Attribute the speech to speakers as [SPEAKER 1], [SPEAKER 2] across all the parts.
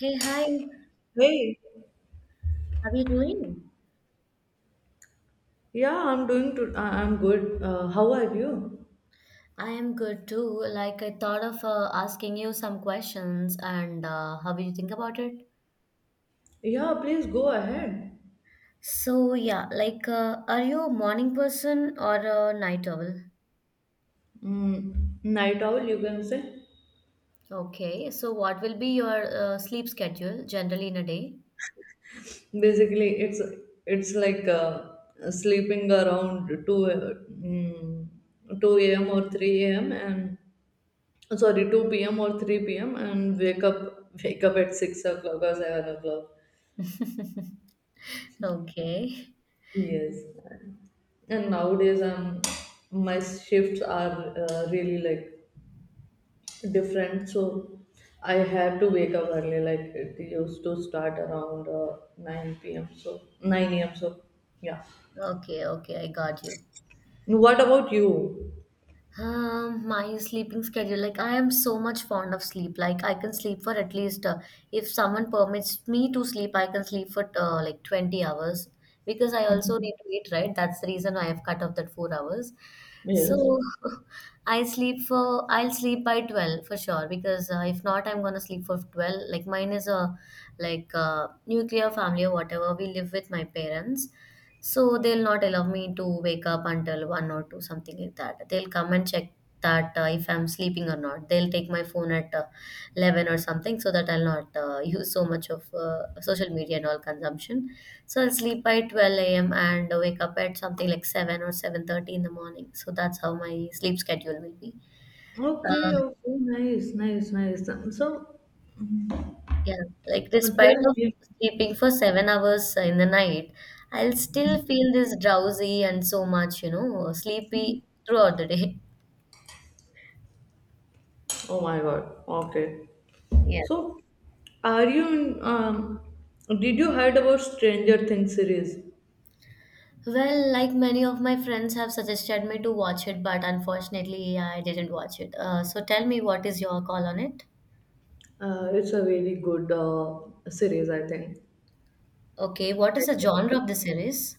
[SPEAKER 1] Hey, hi,
[SPEAKER 2] Hey,
[SPEAKER 1] how are you doing?
[SPEAKER 2] yeah, I'm doing to, I'm good. How are you?
[SPEAKER 1] I am good too. Like, I thought of asking you some questions, and how do you think about it?
[SPEAKER 2] Yeah, please go ahead.
[SPEAKER 1] So, yeah, like, are you a morning person or a night owl?
[SPEAKER 2] Mm, night owl, you can say.
[SPEAKER 1] Okay, so what will be your sleep schedule generally in a day?
[SPEAKER 2] Basically, it's like sleeping around 2 a.m. or 3 a.m. and sorry 2 p.m. or 3 p.m. and wake up at 6 o'clock or 7 o'clock.
[SPEAKER 1] Okay,
[SPEAKER 2] Yes, and nowadays my shifts are really like different, so I had to wake up early, like it used to start around 9 p.m, so 9 a.m, so yeah.
[SPEAKER 1] okay, okay, I got you.
[SPEAKER 2] What about you?
[SPEAKER 1] My sleeping schedule. Like I am so much fond of sleep. Like I can sleep for at least if someone permits me to sleep, I can sleep for like 20 hours because I also need to eat, right? That's the reason I have cut off that 4 hours.
[SPEAKER 2] Yes.
[SPEAKER 1] So I'll sleep by 12 for sure because if not, I'm gonna sleep for 12. Like mine is a like nuclear family or whatever. We live with my parents. So they'll not allow me to wake up until 1 or 2, something like that. They'll come and check that if I'm sleeping or not. They'll take my phone at 11 or something so that I'll not use so much of social media and all consumption. So I'll sleep by 12 a.m. and wake up at something like 7 or 7:30 in the morning. So that's how my sleep schedule will be.
[SPEAKER 2] Okay,
[SPEAKER 1] Uh,
[SPEAKER 2] okay, nice, nice, nice. So
[SPEAKER 1] Yeah, like despite
[SPEAKER 2] tell
[SPEAKER 1] of
[SPEAKER 2] me.
[SPEAKER 1] sleeping for 7 hours in the night, I'll still feel this drowsy and so much, you know, sleepy throughout the day.
[SPEAKER 2] Oh my god. Okay.
[SPEAKER 1] Yeah.
[SPEAKER 2] so are you in, um did you heard about Stranger Things series?
[SPEAKER 1] Well, like many of my friends have suggested me to watch it, but unfortunately, yeah, I didn't watch it. So tell me, what is your call on it?
[SPEAKER 2] It's a very good series, I think.
[SPEAKER 1] Okay, what is the genre of the series?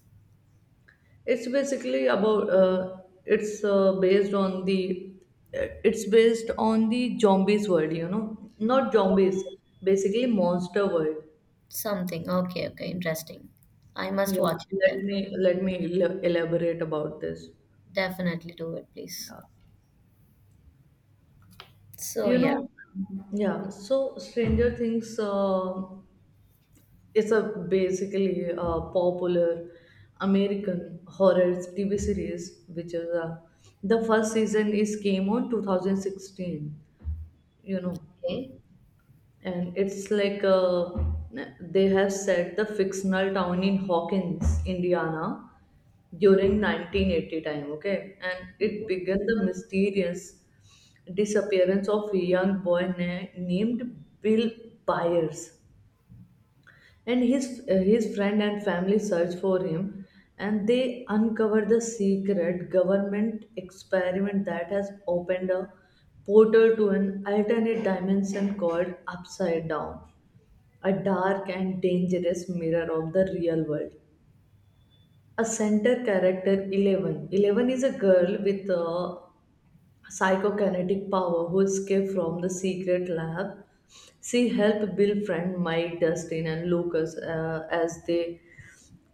[SPEAKER 2] It's basically about it's based on the zombies world, not zombies, basically monster world.
[SPEAKER 1] Something. Okay, okay, interesting. I must
[SPEAKER 2] Yeah,
[SPEAKER 1] watch it
[SPEAKER 2] let
[SPEAKER 1] then.
[SPEAKER 2] me let me el- elaborate about this.
[SPEAKER 1] Definitely do it, please.
[SPEAKER 2] Yeah.
[SPEAKER 1] So
[SPEAKER 2] You
[SPEAKER 1] yeah.
[SPEAKER 2] know, yeah, so Stranger Things is a basically a popular American horror TV series, which is the first season is came on 2016, you know.
[SPEAKER 1] Okay.
[SPEAKER 2] And it's like they have set the fictional town in Hawkins, Indiana, during 1980 time. Okay, and it began the mysterious disappearance of a young boy named Bill Byers, and his friend and family search for him, and they uncover the secret government experiment that has opened a portal to an alternate dimension called Upside Down, a dark and dangerous mirror of the real world. A center character, Eleven. Eleven is a girl with a psychokinetic power who escaped from the secret lab. She helped Bill friend Mike, Dustin, and Lucas as they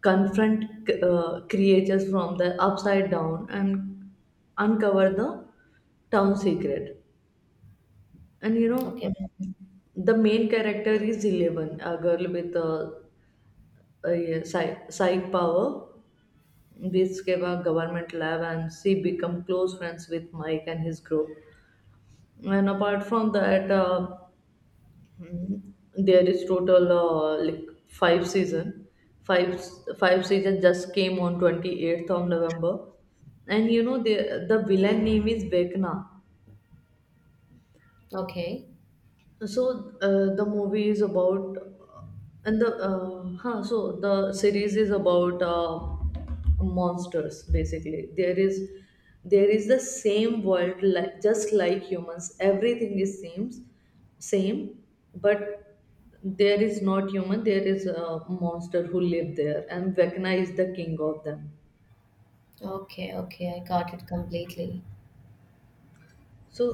[SPEAKER 2] confront creatures from the upside down and uncover the town secret. And
[SPEAKER 1] Okay.
[SPEAKER 2] the main character is Eleven, a girl with a yeah, Sai Power. We escaped our government lab and she become close friends with Mike and his group. And apart from that, mm, there is total like five season. Five five season just came on 28th of November, and the villain name is Vecna.
[SPEAKER 1] Okay.
[SPEAKER 2] So the movie is about, So the series is about monsters basically. There is the same world, like just like humans. Everything is seems same, but there is not human. There is a monster who live there, and Vecna is the king of them.
[SPEAKER 1] Okay, okay, I got it completely.
[SPEAKER 2] So,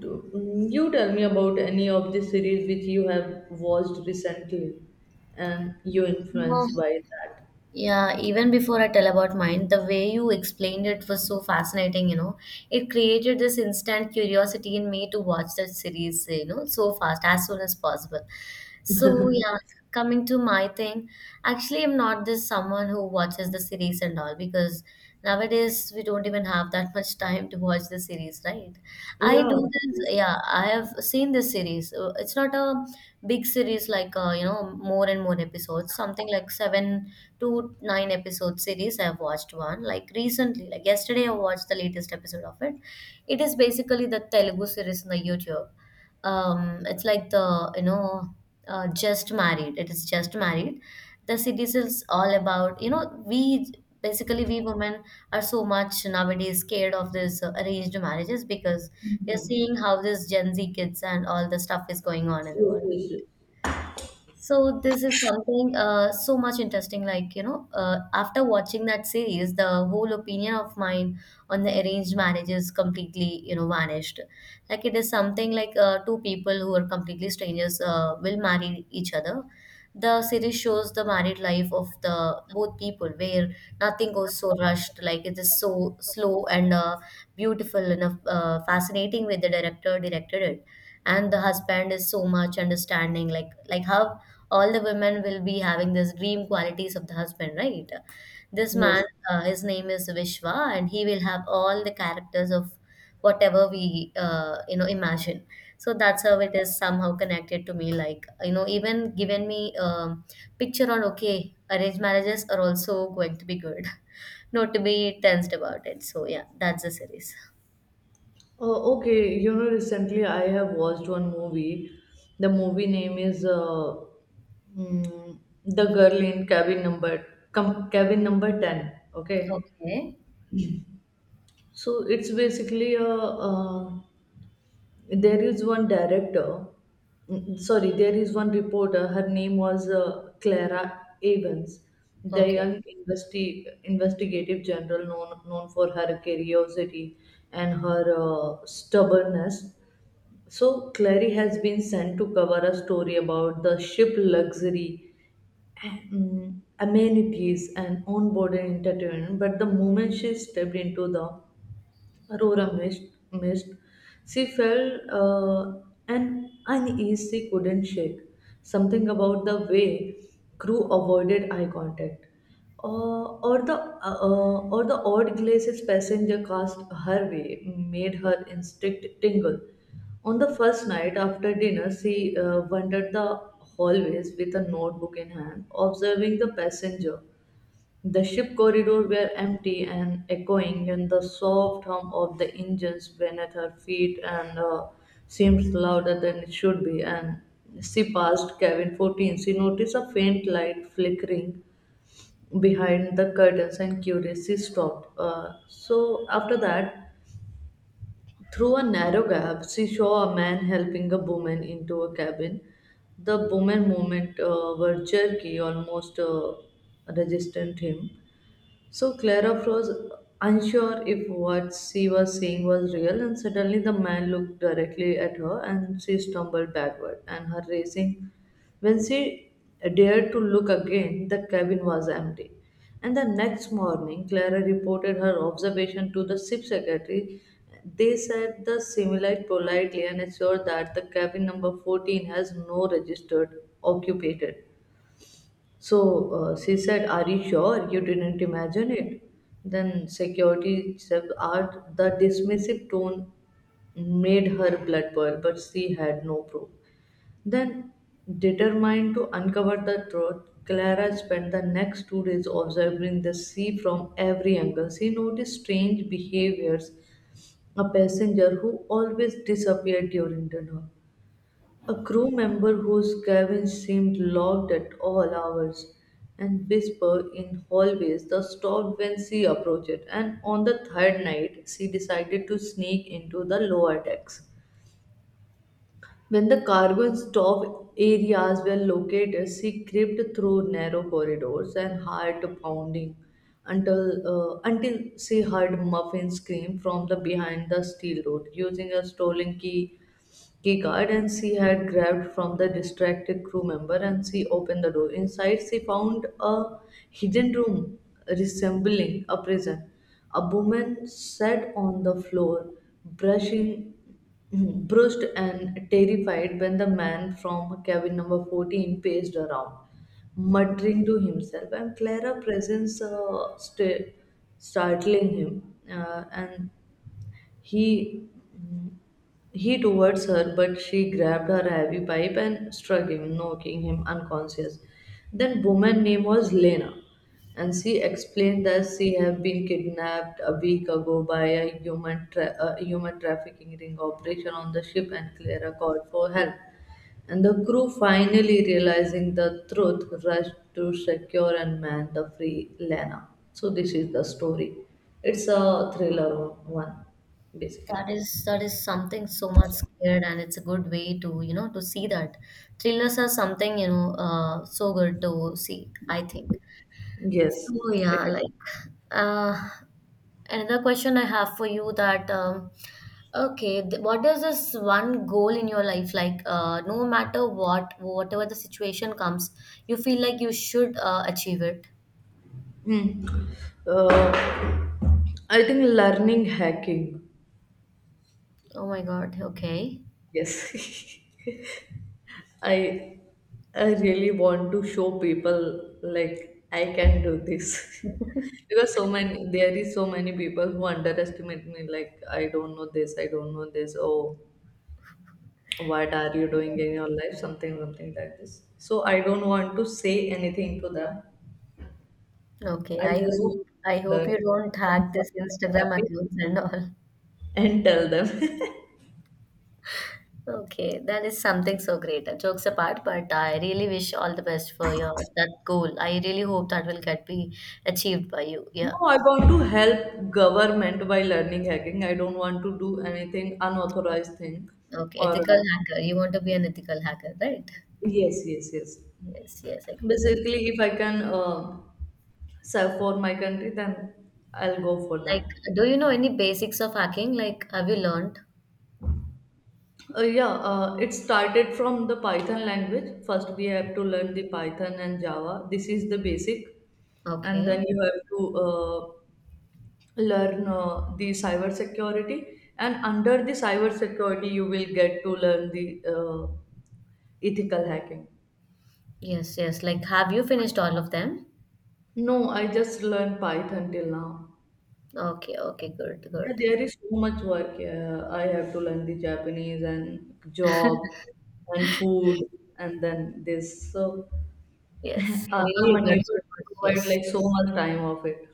[SPEAKER 2] you tell me about any of the series which you have watched recently and you
[SPEAKER 1] Uh,
[SPEAKER 2] influenced by that.
[SPEAKER 1] Yeah, even before I tell about mine, the way you explained it was so fascinating, you know. It created this instant curiosity in me to watch that series, you know, so fast, as soon as possible. So, yeah, coming to my thing, actually, I'm not this someone who watches the series and all because nowadays we don't even have that much time to watch the series, right? I
[SPEAKER 2] Yeah.
[SPEAKER 1] do this,
[SPEAKER 2] Yes,
[SPEAKER 1] yeah, I have seen this series. It's not a big series like, you know, more and more episodes, something like seven to nine episode series. I've watched one like recently, like yesterday, I watched the latest episode of it. It is basically the Telugu series on the YouTube. It's like the, you know, Just Married. It is Just Married, the cities is all about, you know, we basically we women are so much nowadays scared of this arranged marriages, because we are seeing how this gen z kids and all the stuff is going on in the
[SPEAKER 2] yes,
[SPEAKER 1] world.
[SPEAKER 2] yes.
[SPEAKER 1] So this is something so much interesting. Like, you know, after watching that series, the whole opinion of mine on the arranged marriage is completely, you know, vanished. Like it is something like two people who are completely strangers will marry each other. The series shows the married life of the both people where nothing goes so rushed. Like it is so slow and beautiful and fascinating way the director directed it, and the husband is so much understanding, like how all the women will be having this dream qualities of the husband, right? This
[SPEAKER 2] Yes.
[SPEAKER 1] man, his name is Vishwa, and he will have all the characters of whatever we you know imagine. So that's how it is somehow connected to me. Like you know, even given me picture on okay, arranged marriages are also going to be good, not to be tensed about it. So yeah, that's the series.
[SPEAKER 2] Okay, recently I have watched one movie. The movie name is mm, The Girl in Cabin Number 10. Okay.
[SPEAKER 1] Okay,
[SPEAKER 2] So it's basically there is one director, sorry, there is one reporter. Her name was Clara Evans, the
[SPEAKER 1] okay.
[SPEAKER 2] young investigative general, known for her curiosity and her stubbornness. So Clary has been sent to cover a story about the ship luxury amenities and onboard entertainment, but the moment she stepped into the Aurora missed. She felt an unease she couldn't shake. Something about the way crew avoided eye contact, or the odd glances passenger cast her way made her instinct tingle. On the first night after dinner, she wandered the hallways with a notebook in hand, observing the passenger. The ship corridors were empty and echoing, and the soft hum of the engines beneath her feet and seemed louder than it should be. And she passed cabin 14. She noticed a faint light flickering behind the curtains, and curious, she stopped. So after that, through a narrow gap, she saw a man helping a woman into a cabin. The woman movement were jerky, almost resistant him, so Clara froze, unsure if what she was seeing was real, and suddenly the man looked directly at her and she stumbled backward and her racing. When she dared to look again, the cabin was empty. And the next morning, Clara reported her observation to the ship secretary. They said the simulate politely and assured that the cabin number 14 has no registered occupant. So she said, "Are you sure you didn't imagine it?" Then security asked, the dismissive tone made her blood boil, but she had no proof. Then, determined to uncover the truth, Clara spent the next 2 days observing the sea from every angle. She noticed strange behaviors, a passenger who always disappeared during dinner, a crew member whose cabin seemed locked at all hours, and whispered in hallways that stopped when she approached it. And on the third night, she decided to sneak into the lower decks. When the cargo and stove areas were located, she crept through narrow corridors and heart pounding until she heard Muffin scream from the behind the steel door. Using a stolen key card and she had grabbed from the distracted crew member and she opened the door. Inside, she found a hidden room resembling a prison. A woman sat on the floor, brushing, brushed and terrified when the man from cabin number 14 paced around, muttering to himself. And Clara's presence startling him, and he he towards her, but she grabbed her heavy pipe and struck him, knocking him unconscious. Then woman name was Lena, and she explained that she had been kidnapped a week ago by a a human trafficking ring operation on the ship, and Clara called for help. And the crew, finally realizing the truth, rushed to secure and man the free Lena. So, this is the story. It's a thriller one, basically.
[SPEAKER 1] That is something so much scared, and it's a good way to, you know, to see that thrillers are something, you know, so good to see. I think
[SPEAKER 2] Yes.
[SPEAKER 1] so.
[SPEAKER 2] It
[SPEAKER 1] Yeah,
[SPEAKER 2] is.
[SPEAKER 1] like uh, another question I have for you, that okay, what is this one goal in your life? Like no matter what, whatever the situation comes, you feel like you should achieve it.
[SPEAKER 2] Hmm. Uh, I think learning hacking.
[SPEAKER 1] Oh my God. Okay.
[SPEAKER 2] Yes. I I really want to show people like I can do this. Because so many there is so many people who underestimate me, like I don't know this, I don't know this. Oh, what are you doing in your life, something something like this. So I don't want to say anything to them.
[SPEAKER 1] Okay.
[SPEAKER 2] I
[SPEAKER 1] I
[SPEAKER 2] just want
[SPEAKER 1] hope I
[SPEAKER 2] to
[SPEAKER 1] hope
[SPEAKER 2] learn
[SPEAKER 1] you don't hack this
[SPEAKER 2] something
[SPEAKER 1] Instagram
[SPEAKER 2] happy
[SPEAKER 1] accounts and all.
[SPEAKER 2] and tell them.
[SPEAKER 1] Okay, that is something so great. Jokes apart, but I really wish all the best for your that goal. I really hope that will get be achieved by you.
[SPEAKER 2] No,
[SPEAKER 1] Yeah.
[SPEAKER 2] I want to help government by learning hacking. I don't want to do anything unauthorized thing.
[SPEAKER 1] Okay,
[SPEAKER 2] Or
[SPEAKER 1] ethical hacker. You want to be an ethical hacker, right?
[SPEAKER 2] yes, yes, yes.
[SPEAKER 1] Yes, yes, I got you.
[SPEAKER 2] Basically, if I can serve for my country, then I'll go for that.
[SPEAKER 1] Like, do you know any basics of hacking? Like, have you learned?
[SPEAKER 2] Yeah, it started from the Python language. First, we have to learn the Python and Java. This is the basic, and
[SPEAKER 1] Okay.
[SPEAKER 2] then you have to learn the cyber security. And under the cyber security, you will get to learn the ethical hacking.
[SPEAKER 1] Yes, yes. Like, have you finished all of them?
[SPEAKER 2] No, I just learned Python till now.
[SPEAKER 1] Okay, okay, good,
[SPEAKER 2] Yeah,
[SPEAKER 1] good.
[SPEAKER 2] there is so much work. I have to learn the Japanese and job and food and then this. So.
[SPEAKER 1] Yes. Really,
[SPEAKER 2] I'm
[SPEAKER 1] you got
[SPEAKER 2] unable
[SPEAKER 1] so
[SPEAKER 2] to
[SPEAKER 1] much.
[SPEAKER 2] provide
[SPEAKER 1] Yes.
[SPEAKER 2] like so much time of it.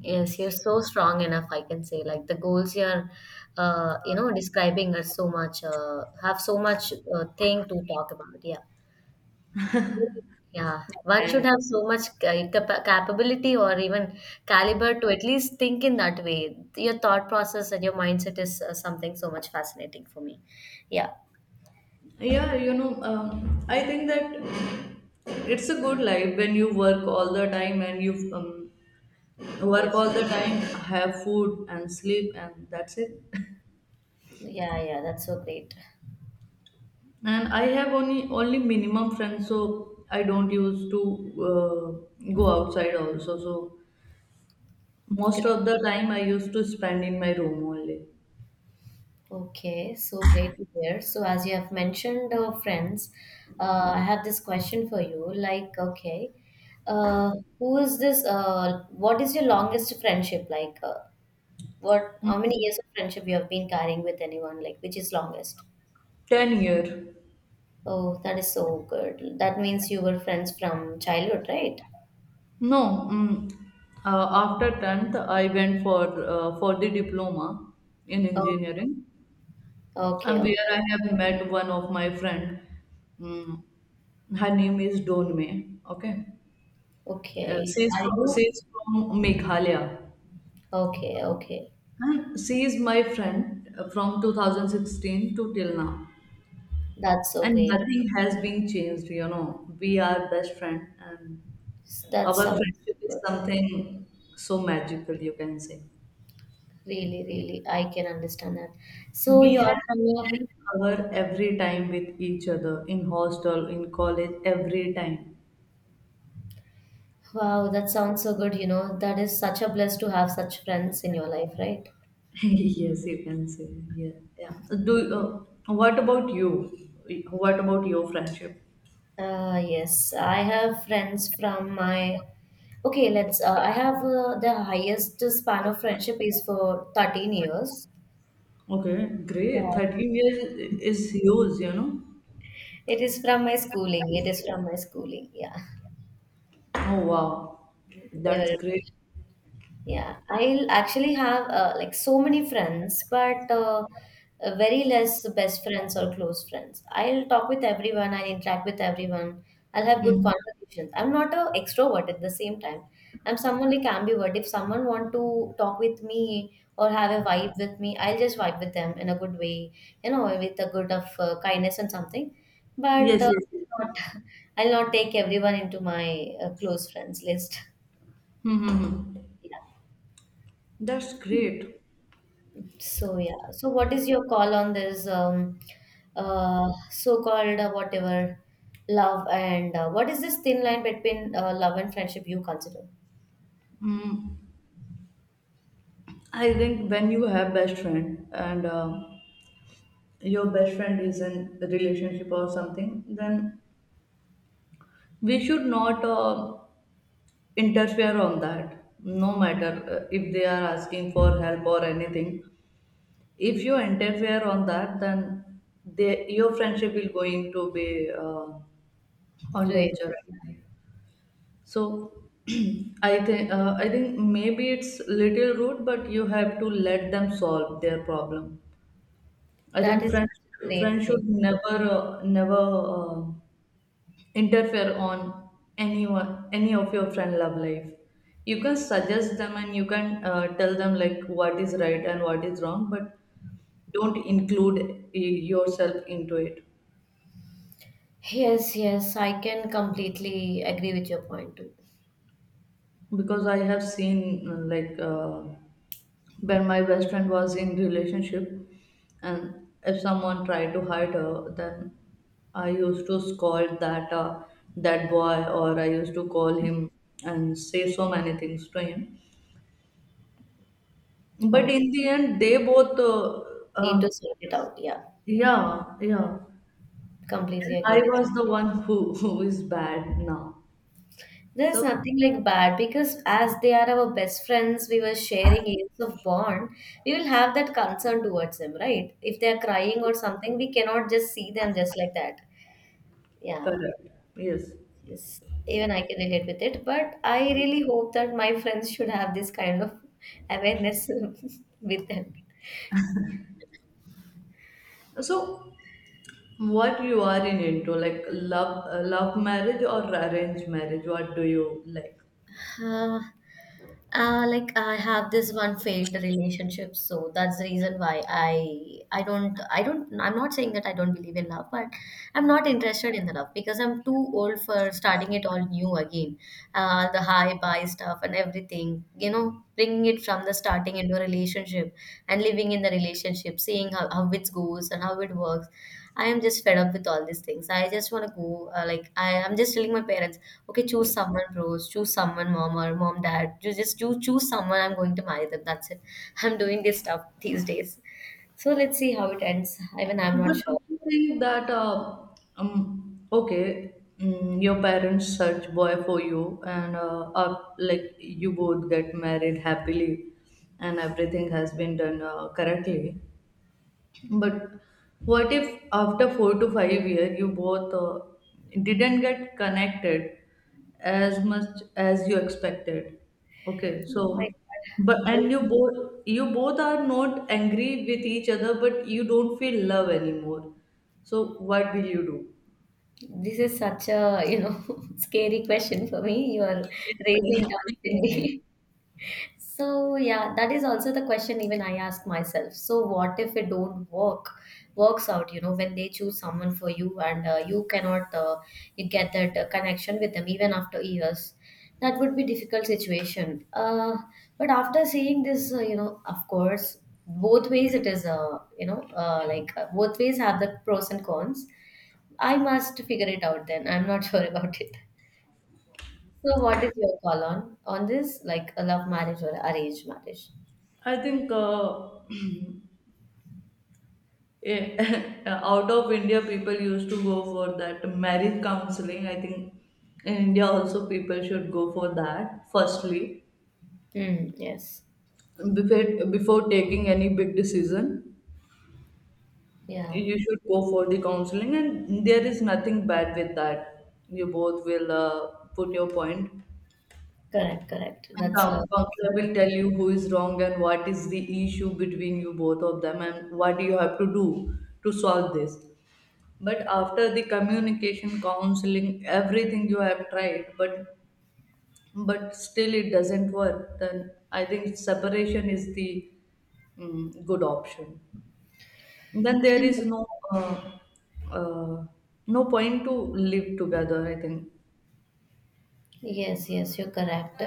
[SPEAKER 1] Yes, you're so strong enough, I can say. Like the goals you're, you know, describing are so much, have so much thing to talk about. Yeah. Yeah. One should
[SPEAKER 2] And
[SPEAKER 1] have so much capability or even caliber to at least think in that way. Your thought process and your mindset is something so much fascinating for me. Yeah.
[SPEAKER 2] yeah, I think that it's a good life when you work all the time and you work
[SPEAKER 1] Yes.
[SPEAKER 2] all the time, have food and sleep, and that's it.
[SPEAKER 1] Yeah, yeah. That's so great.
[SPEAKER 2] And I have only minimum friends, so I don't used to go outside also. So most
[SPEAKER 1] Great.
[SPEAKER 2] of the time I used to spend in my room only.
[SPEAKER 1] Okay, so great to hear. So, as you have mentioned, friends, I have this question for you. Like, okay, uh, who is this? What is your longest friendship? Like, what? How many years of friendship you have been carrying with anyone? Like, which is longest?
[SPEAKER 2] 10 year.
[SPEAKER 1] Oh, that is so good. That means you were friends from childhood, right?
[SPEAKER 2] No, after 10th, I went for the diploma in
[SPEAKER 1] Oh,
[SPEAKER 2] engineering,
[SPEAKER 1] okay,
[SPEAKER 2] and
[SPEAKER 1] okay,
[SPEAKER 2] where I have met one of my friend. Mm, Her name is Donme. Okay,
[SPEAKER 1] okay.
[SPEAKER 2] she's
[SPEAKER 1] Are
[SPEAKER 2] from
[SPEAKER 1] you?
[SPEAKER 2] she's from Meghalaya,
[SPEAKER 1] Okay, okay.
[SPEAKER 2] and she is my friend from 2016 to till now.
[SPEAKER 1] That's so
[SPEAKER 2] And
[SPEAKER 1] great.
[SPEAKER 2] nothing has been changed. We are best friend, and
[SPEAKER 1] That's
[SPEAKER 2] our
[SPEAKER 1] some.
[SPEAKER 2] friendship is something so magical, you can say.
[SPEAKER 1] Really, really, I can understand that. So
[SPEAKER 2] We
[SPEAKER 1] you
[SPEAKER 2] have
[SPEAKER 1] are from your,
[SPEAKER 2] spent hour every time with each other in hostel, in college, every time.
[SPEAKER 1] wow, that sounds so good, you know. That is such a bless to have such friends in your life, right?
[SPEAKER 2] Yes, you can say. Yeah, yeah. Do What about you? What about your friendship?
[SPEAKER 1] Yes, I have friends from my, okay, let's I have the highest span of friendship is for 13 years.
[SPEAKER 2] Okay, great.
[SPEAKER 1] Yeah.
[SPEAKER 2] 13 years is huge.
[SPEAKER 1] It is from my schooling. It is from my schooling. Yeah.
[SPEAKER 2] Oh wow,
[SPEAKER 1] They were.
[SPEAKER 2] that's great.
[SPEAKER 1] Yeah, I'll actually have like so many friends, but very less best friends or close friends. I'll talk with everyone, I'll interact with everyone, I'll have good
[SPEAKER 2] Hmm.
[SPEAKER 1] conversations. I'm not a extrovert at the same time. I'm someone like ambivert. If someone want to talk with me or have a vibe with me, I'll just vibe with them in a good way, you know, with a good of kindness and something. But
[SPEAKER 2] Yes, yes, yes.
[SPEAKER 1] not, I'll not take everyone into my close friends list. Yeah.
[SPEAKER 2] That's great.
[SPEAKER 1] So yeah. So what is your call on this so-called whatever love and what is this thin line between love and friendship you consider?
[SPEAKER 2] Mm. I think when you have best friend and your best friend is in a relationship or something, then we should not interfere on that, no matter if they are asking for help or anything. If you interfere on that then your friendship will going to be on
[SPEAKER 1] Great.
[SPEAKER 2] danger. So I think maybe it's little rude but you have to let them solve their problem. I
[SPEAKER 1] That
[SPEAKER 2] think
[SPEAKER 1] is
[SPEAKER 2] friends
[SPEAKER 1] such a
[SPEAKER 2] friends
[SPEAKER 1] great thing.
[SPEAKER 2] should never interfere on anyone, any of your friend love life. You can suggest them and you can tell them like what is right and what is wrong, but don't include yourself into it.
[SPEAKER 1] Yes, yes, I can completely agree with your point too.
[SPEAKER 2] Because I have seen when my best friend was in relationship and if someone tried to hurt her, then I used to scold that boy, or I used to call him and say so many things to him. But
[SPEAKER 1] Okay.
[SPEAKER 2] in the end, they both,
[SPEAKER 1] Need
[SPEAKER 2] uh,
[SPEAKER 1] to sort it out. Yeah.
[SPEAKER 2] yeah, yeah.
[SPEAKER 1] Completely
[SPEAKER 2] And
[SPEAKER 1] agree
[SPEAKER 2] I
[SPEAKER 1] with.
[SPEAKER 2] was the one who, who is bad now.
[SPEAKER 1] There's
[SPEAKER 2] So,
[SPEAKER 1] nothing like bad, because as they are our best friends, we were sharing years of bond. We will have that concern towards them, right? If they are crying or something, we cannot just see them just like that. Yeah,
[SPEAKER 2] correct. Yes.
[SPEAKER 1] yes. Even I can relate with it, but I really hope that my friends should have this kind of awareness with them.
[SPEAKER 2] So, what you are in into, like love, love marriage or arranged marriage? What do you like?
[SPEAKER 1] uh, like I have this one failed relationship, so that's the reason why I don't, I'm not saying that I don't believe in love, but I'm not interested in the love because I'm too old for starting it all new again. The high buy stuff and everything, you know, bringing it from the starting into a relationship and living in the relationship, seeing how it goes and how it works. I am just fed up with all these things. I just want to go. Like I'm just telling my parents, okay, choose someone, bros. Choose someone, dad. You just you choose someone. I'm going to marry them. That's it. I'm doing this stuff these days. So let's see how it ends. Even I'm not
[SPEAKER 2] But do
[SPEAKER 1] sure.
[SPEAKER 2] you think that, okay, mm, your parents search boy for you and like you both get married happily and everything has been done correctly. But what if after 4 to 5 year you both didn't get connected as much as you expected? Okay,
[SPEAKER 1] Oh my
[SPEAKER 2] so but
[SPEAKER 1] God. Bro,
[SPEAKER 2] and you both are not angry with each other, but you don't feel love anymore. So what will you do?
[SPEAKER 1] this is such a, you know, scary question for me. You are
[SPEAKER 2] Yes,
[SPEAKER 1] raising doubts in
[SPEAKER 2] I
[SPEAKER 1] me. So yeah, that is also the question even I ask myself. So what if it don't work, works out? You know, when they choose someone for you and you cannot you get that connection with them even after years, that would be difficult situation. But after seeing this, you know, of course, both ways it is. You know, like both ways have the pros and cons. I must figure it out. Then I'm not sure about it. So what is your call on this, like a love marriage or arranged marriage?
[SPEAKER 2] I think out of India, people used to go for that marriage counseling. I think in India also people should go for that. Firstly,
[SPEAKER 1] Mm, yes.
[SPEAKER 2] before taking any big decision,
[SPEAKER 1] Yeah.
[SPEAKER 2] you should go for the counseling, and there is nothing bad with that. You both will put your point.
[SPEAKER 1] Correct. Correct.
[SPEAKER 2] And
[SPEAKER 1] That's
[SPEAKER 2] counselor will tell you who is wrong and what is the issue between you both of them, and what you have to do to solve this. But after the communication counseling everything you have tried, but still it doesn't work, then I think separation is the, mm, good option. Then there is no uh, uh, no point to live together, I think.
[SPEAKER 1] yes. Yes. You're correct.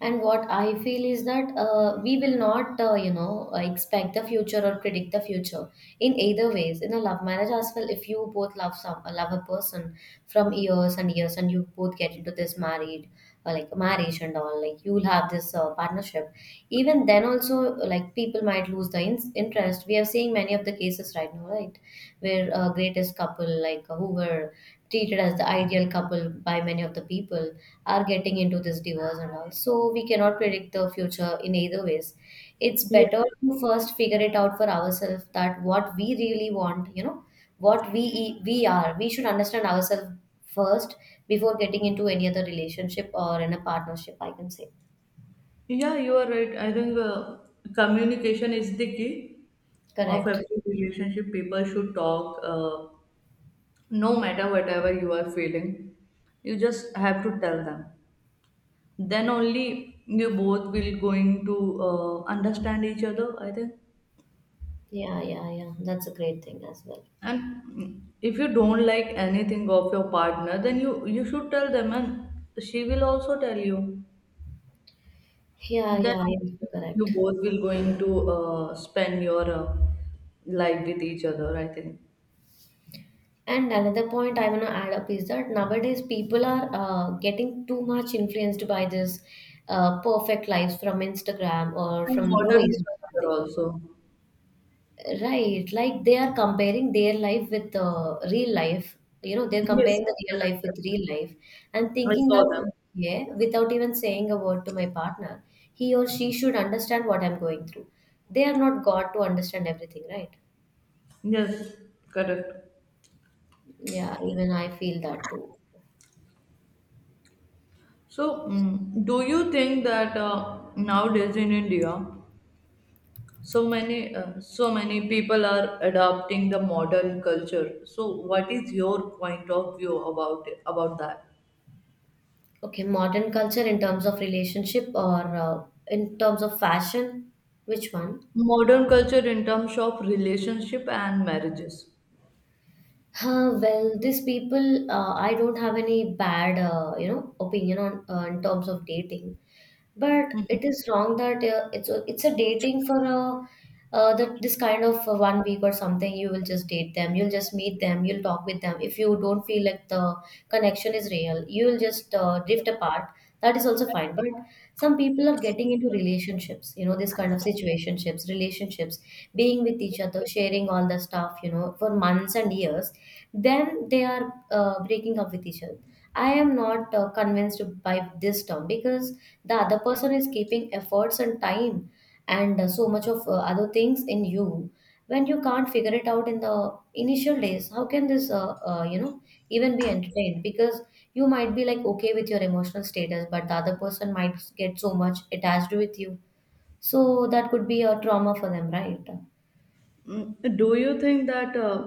[SPEAKER 1] And what I feel is that we will not, expect the future or predict the future in either ways. In a love marriage as well, if you both love a person from years and years, and you both get into this married like marriage and all, like you will have this partnership. Even then also, like people might lose the interest. We are seeing many of the cases right now, right, where greatest couple, like who were treated as the ideal couple by many of the people, are getting into this divorce and all. So we cannot predict the future in either ways. It's
[SPEAKER 2] Yeah,
[SPEAKER 1] better to first figure it out for ourselves that what we really want, you know, what we e, we are we should understand ourselves first before getting into any other relationship or in a partnership, I can say.
[SPEAKER 2] yeah, you are right. I think communication is the key of
[SPEAKER 1] Correct.
[SPEAKER 2] every relationship. People should talk, no matter whatever you are feeling. You just have to tell them. Then only you both will going to understand each other, I think.
[SPEAKER 1] Yeah, yeah, yeah. That's a great thing as well.
[SPEAKER 2] And, mm, if you don't like anything of your partner then you should tell them and she will also tell you.
[SPEAKER 1] Yeah,
[SPEAKER 2] Then
[SPEAKER 1] yeah, yeah,
[SPEAKER 2] only you
[SPEAKER 1] correct.
[SPEAKER 2] both will going to spend your life with each other, I think.
[SPEAKER 1] And another point I want to add up is that nowadays people are getting too much influenced by this perfect lives from Instagram or
[SPEAKER 2] And
[SPEAKER 1] from
[SPEAKER 2] modern
[SPEAKER 1] movies or
[SPEAKER 2] culture
[SPEAKER 1] something.
[SPEAKER 2] also.
[SPEAKER 1] Right, like they are comparing their life with real life. You know, they're
[SPEAKER 2] Yes,
[SPEAKER 1] comparing the real life with real life and
[SPEAKER 2] I
[SPEAKER 1] thinking
[SPEAKER 2] saw them.
[SPEAKER 1] that, yeah, without even saying a word to my partner, he or she should understand what I'm going through. They are not God to understand everything, right?
[SPEAKER 2] Yes, correct.
[SPEAKER 1] Yeah, even I feel that too.
[SPEAKER 2] So, mm, do you think that, nowadays in India, so many people are adopting the modern culture, so what is your point of view about that?
[SPEAKER 1] Okay, modern culture in terms of relationship or in terms of fashion, which one?
[SPEAKER 2] Modern culture in terms of relationship and marriages.
[SPEAKER 1] Huh, well, these people, I don't have any bad, opinion on in terms of dating. But it is wrong that it's a dating for a that this kind of 1 week or something. You will just date them. You'll just meet them. You'll talk with them. If you don't feel like the connection is real, you will just drift apart. That is also fine. But some people are getting into relationships. You know, this kind of situationships, relationships, being with each other, sharing all the stuff. You know, for months and years. Then they are breaking up with each other. I am not convinced by this term, because the other person is keeping efforts and time and so much of other things in you. When you can't figure it out in the initial days, how can this even be entertained? Because you might be like okay with your emotional status, but the other person might get so much attached with you. So that could be a trauma for them, right?
[SPEAKER 2] Mm, do you think that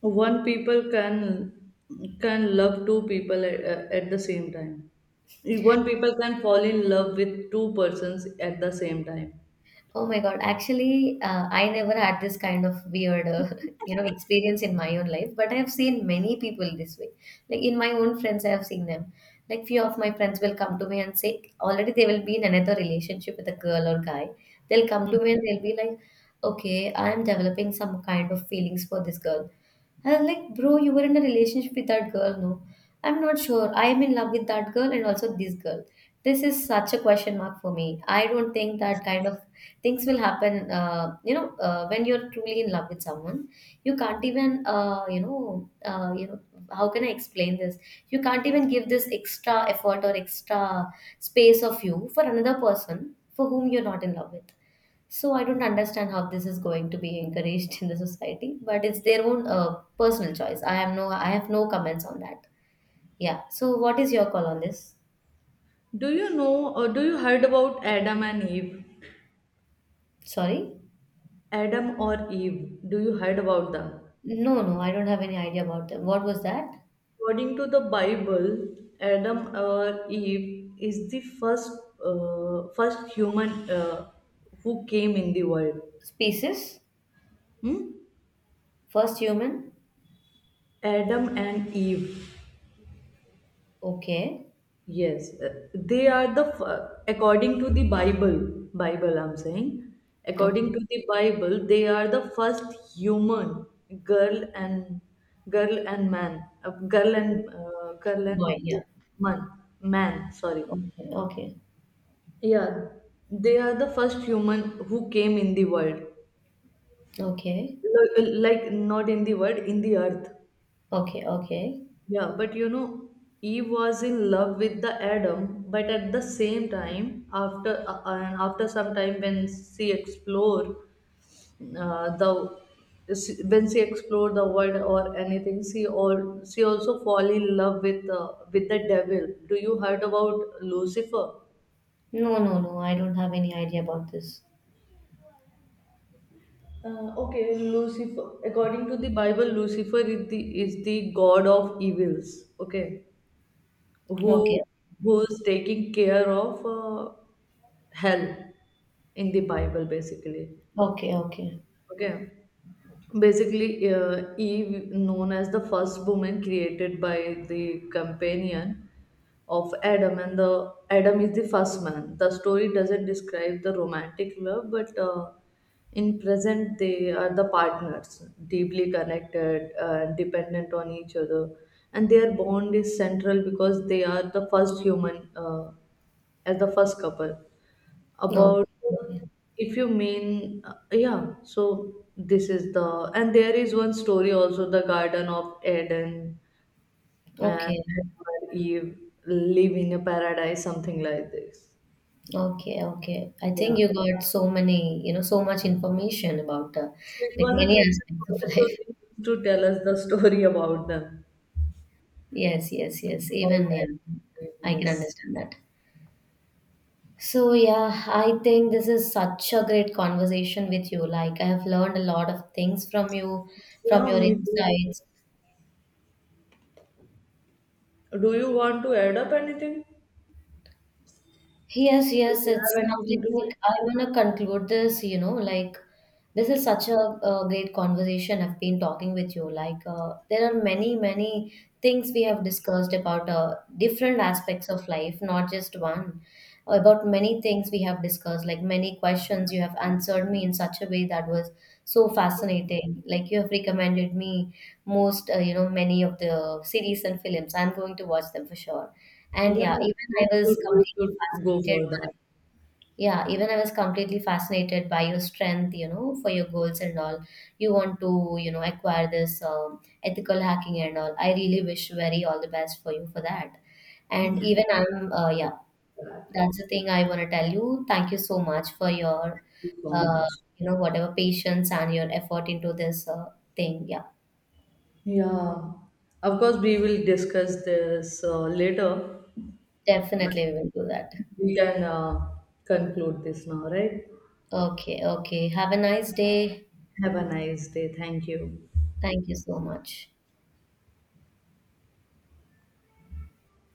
[SPEAKER 2] one people can love two people at the same time? One people can fall in love with two persons at the same time?
[SPEAKER 1] Oh my God. Actually, I never had this kind of weird, experience in my own life, but I have seen many people this way. Like in my own friends, I have seen them. Like few of my friends will come to me and say, already they will be in another relationship with a girl or guy. They'll come to me and they'll be like, okay, I'm developing some kind of feelings for this girl. And I'm like, bro, you were in a relationship with that girl, no? I'm not sure. I am in love with that girl and also this girl. This is such a question mark for me. I don't think that kind of things will happen. When you're truly in love with someone, you can't even, how can I explain this? You can't even give this extra effort or extra space of you for another person for whom you're not in love with. So I don't understand how this is going to be encouraged in the society, but it's their own personal choice. I have no comments on that. Yeah. So what is your call on this?
[SPEAKER 2] Do you know or do you heard about Adam and Eve?
[SPEAKER 1] Sorry.
[SPEAKER 2] Adam or Eve? Do you heard about them?
[SPEAKER 1] No, no, I don't have any idea about them. What was that?
[SPEAKER 2] According to the Bible, Adam or Eve is the first first human who came in the world.
[SPEAKER 1] Species?
[SPEAKER 2] Hmm?
[SPEAKER 1] First human?
[SPEAKER 2] Adam and Eve.
[SPEAKER 1] Okay.
[SPEAKER 2] Yes, they are the according to the Bible, I'm saying, according
[SPEAKER 1] Okay.
[SPEAKER 2] to the Bible, they are the first human girl and girl and man, girl and girl and
[SPEAKER 1] Boy, yeah.
[SPEAKER 2] man, man, sorry.
[SPEAKER 1] Okay, okay,
[SPEAKER 2] Yeah, they are the first human who came in the world.
[SPEAKER 1] okay,
[SPEAKER 2] L- like not in the world, in the earth.
[SPEAKER 1] okay, okay.
[SPEAKER 2] Yeah, but you know, Eve was in love with the Adam, but at the same time, after and after some time when she explored uh, the when she explored the world or anything, she also fall in love with the devil. Do you heard about Lucifer?
[SPEAKER 1] No, no, no, I don't have any idea about this.
[SPEAKER 2] Okay, Lucifer. According to the Bible, Lucifer is the god of evils. Okay, who
[SPEAKER 1] Okay,
[SPEAKER 2] who's taking care of hell in the Bible basically.
[SPEAKER 1] okay, okay.
[SPEAKER 2] Okay, basically, Eve known as the first woman created by the companion of Adam, and the Adam is the first man. The story doesn't describe the romantic love, but in present they are the partners, deeply connected and dependent on each other, and their bond is central because they are the first human, as the first couple.
[SPEAKER 1] No,
[SPEAKER 2] About, if you mean, yeah. So this is the, and there is one story also, the Garden of Eden, and
[SPEAKER 1] okay.
[SPEAKER 2] Adam and Eve live in a paradise, something like this.
[SPEAKER 1] Okay, okay. I
[SPEAKER 2] Yeah,
[SPEAKER 1] think you got so many, so much information about
[SPEAKER 2] so it
[SPEAKER 1] like
[SPEAKER 2] was a
[SPEAKER 1] many
[SPEAKER 2] Christian
[SPEAKER 1] aspects of
[SPEAKER 2] college, so
[SPEAKER 1] life.
[SPEAKER 2] they used to tell us the story about them,
[SPEAKER 1] Yes, yes, yes.
[SPEAKER 2] about Adam
[SPEAKER 1] Even yeah,
[SPEAKER 2] and Eve,
[SPEAKER 1] I can
[SPEAKER 2] yes.
[SPEAKER 1] understand that. So yeah, I think this is such a great conversation with you. Like I have learned a lot of things from you, from
[SPEAKER 2] Yeah,
[SPEAKER 1] your
[SPEAKER 2] me too.
[SPEAKER 1] insights.
[SPEAKER 2] Do you want to add up anything?
[SPEAKER 1] Yes,
[SPEAKER 2] Do
[SPEAKER 1] yes,
[SPEAKER 2] you
[SPEAKER 1] it's
[SPEAKER 2] have anything
[SPEAKER 1] something
[SPEAKER 2] to say?
[SPEAKER 1] like I want to conclude this, you know, like this is such a, great conversation I've been talking with you. Like, there are many, many things we have discussed about different aspects of life, not just one, about many things we have discussed, like many questions you have answered me in such a way that was so fascinating. Like you have recommended me most, many of the series and films. I'm going to watch them for sure. And
[SPEAKER 2] Yeah,
[SPEAKER 1] yeah, even I was
[SPEAKER 2] we
[SPEAKER 1] completely
[SPEAKER 2] should go
[SPEAKER 1] fascinated
[SPEAKER 2] for that. Thank
[SPEAKER 1] by yeah, even I was completely fascinated by your strength, you know, for your goals and all. You want to, you know, acquire this ethical hacking and all. I really wish very all the best for you for that. And even yeah, that's the thing I want to tell you. Thank you so much for your,
[SPEAKER 2] you so
[SPEAKER 1] uh,
[SPEAKER 2] much.
[SPEAKER 1] whatever patience and your effort into this thing. Yeah,
[SPEAKER 2] Yeah, of course, we will discuss this later.
[SPEAKER 1] definitely we will do that.
[SPEAKER 2] We can conclude this now, right?
[SPEAKER 1] Okay, okay. Have a nice day.
[SPEAKER 2] Have a nice day. Thank you.
[SPEAKER 1] Thank you so much.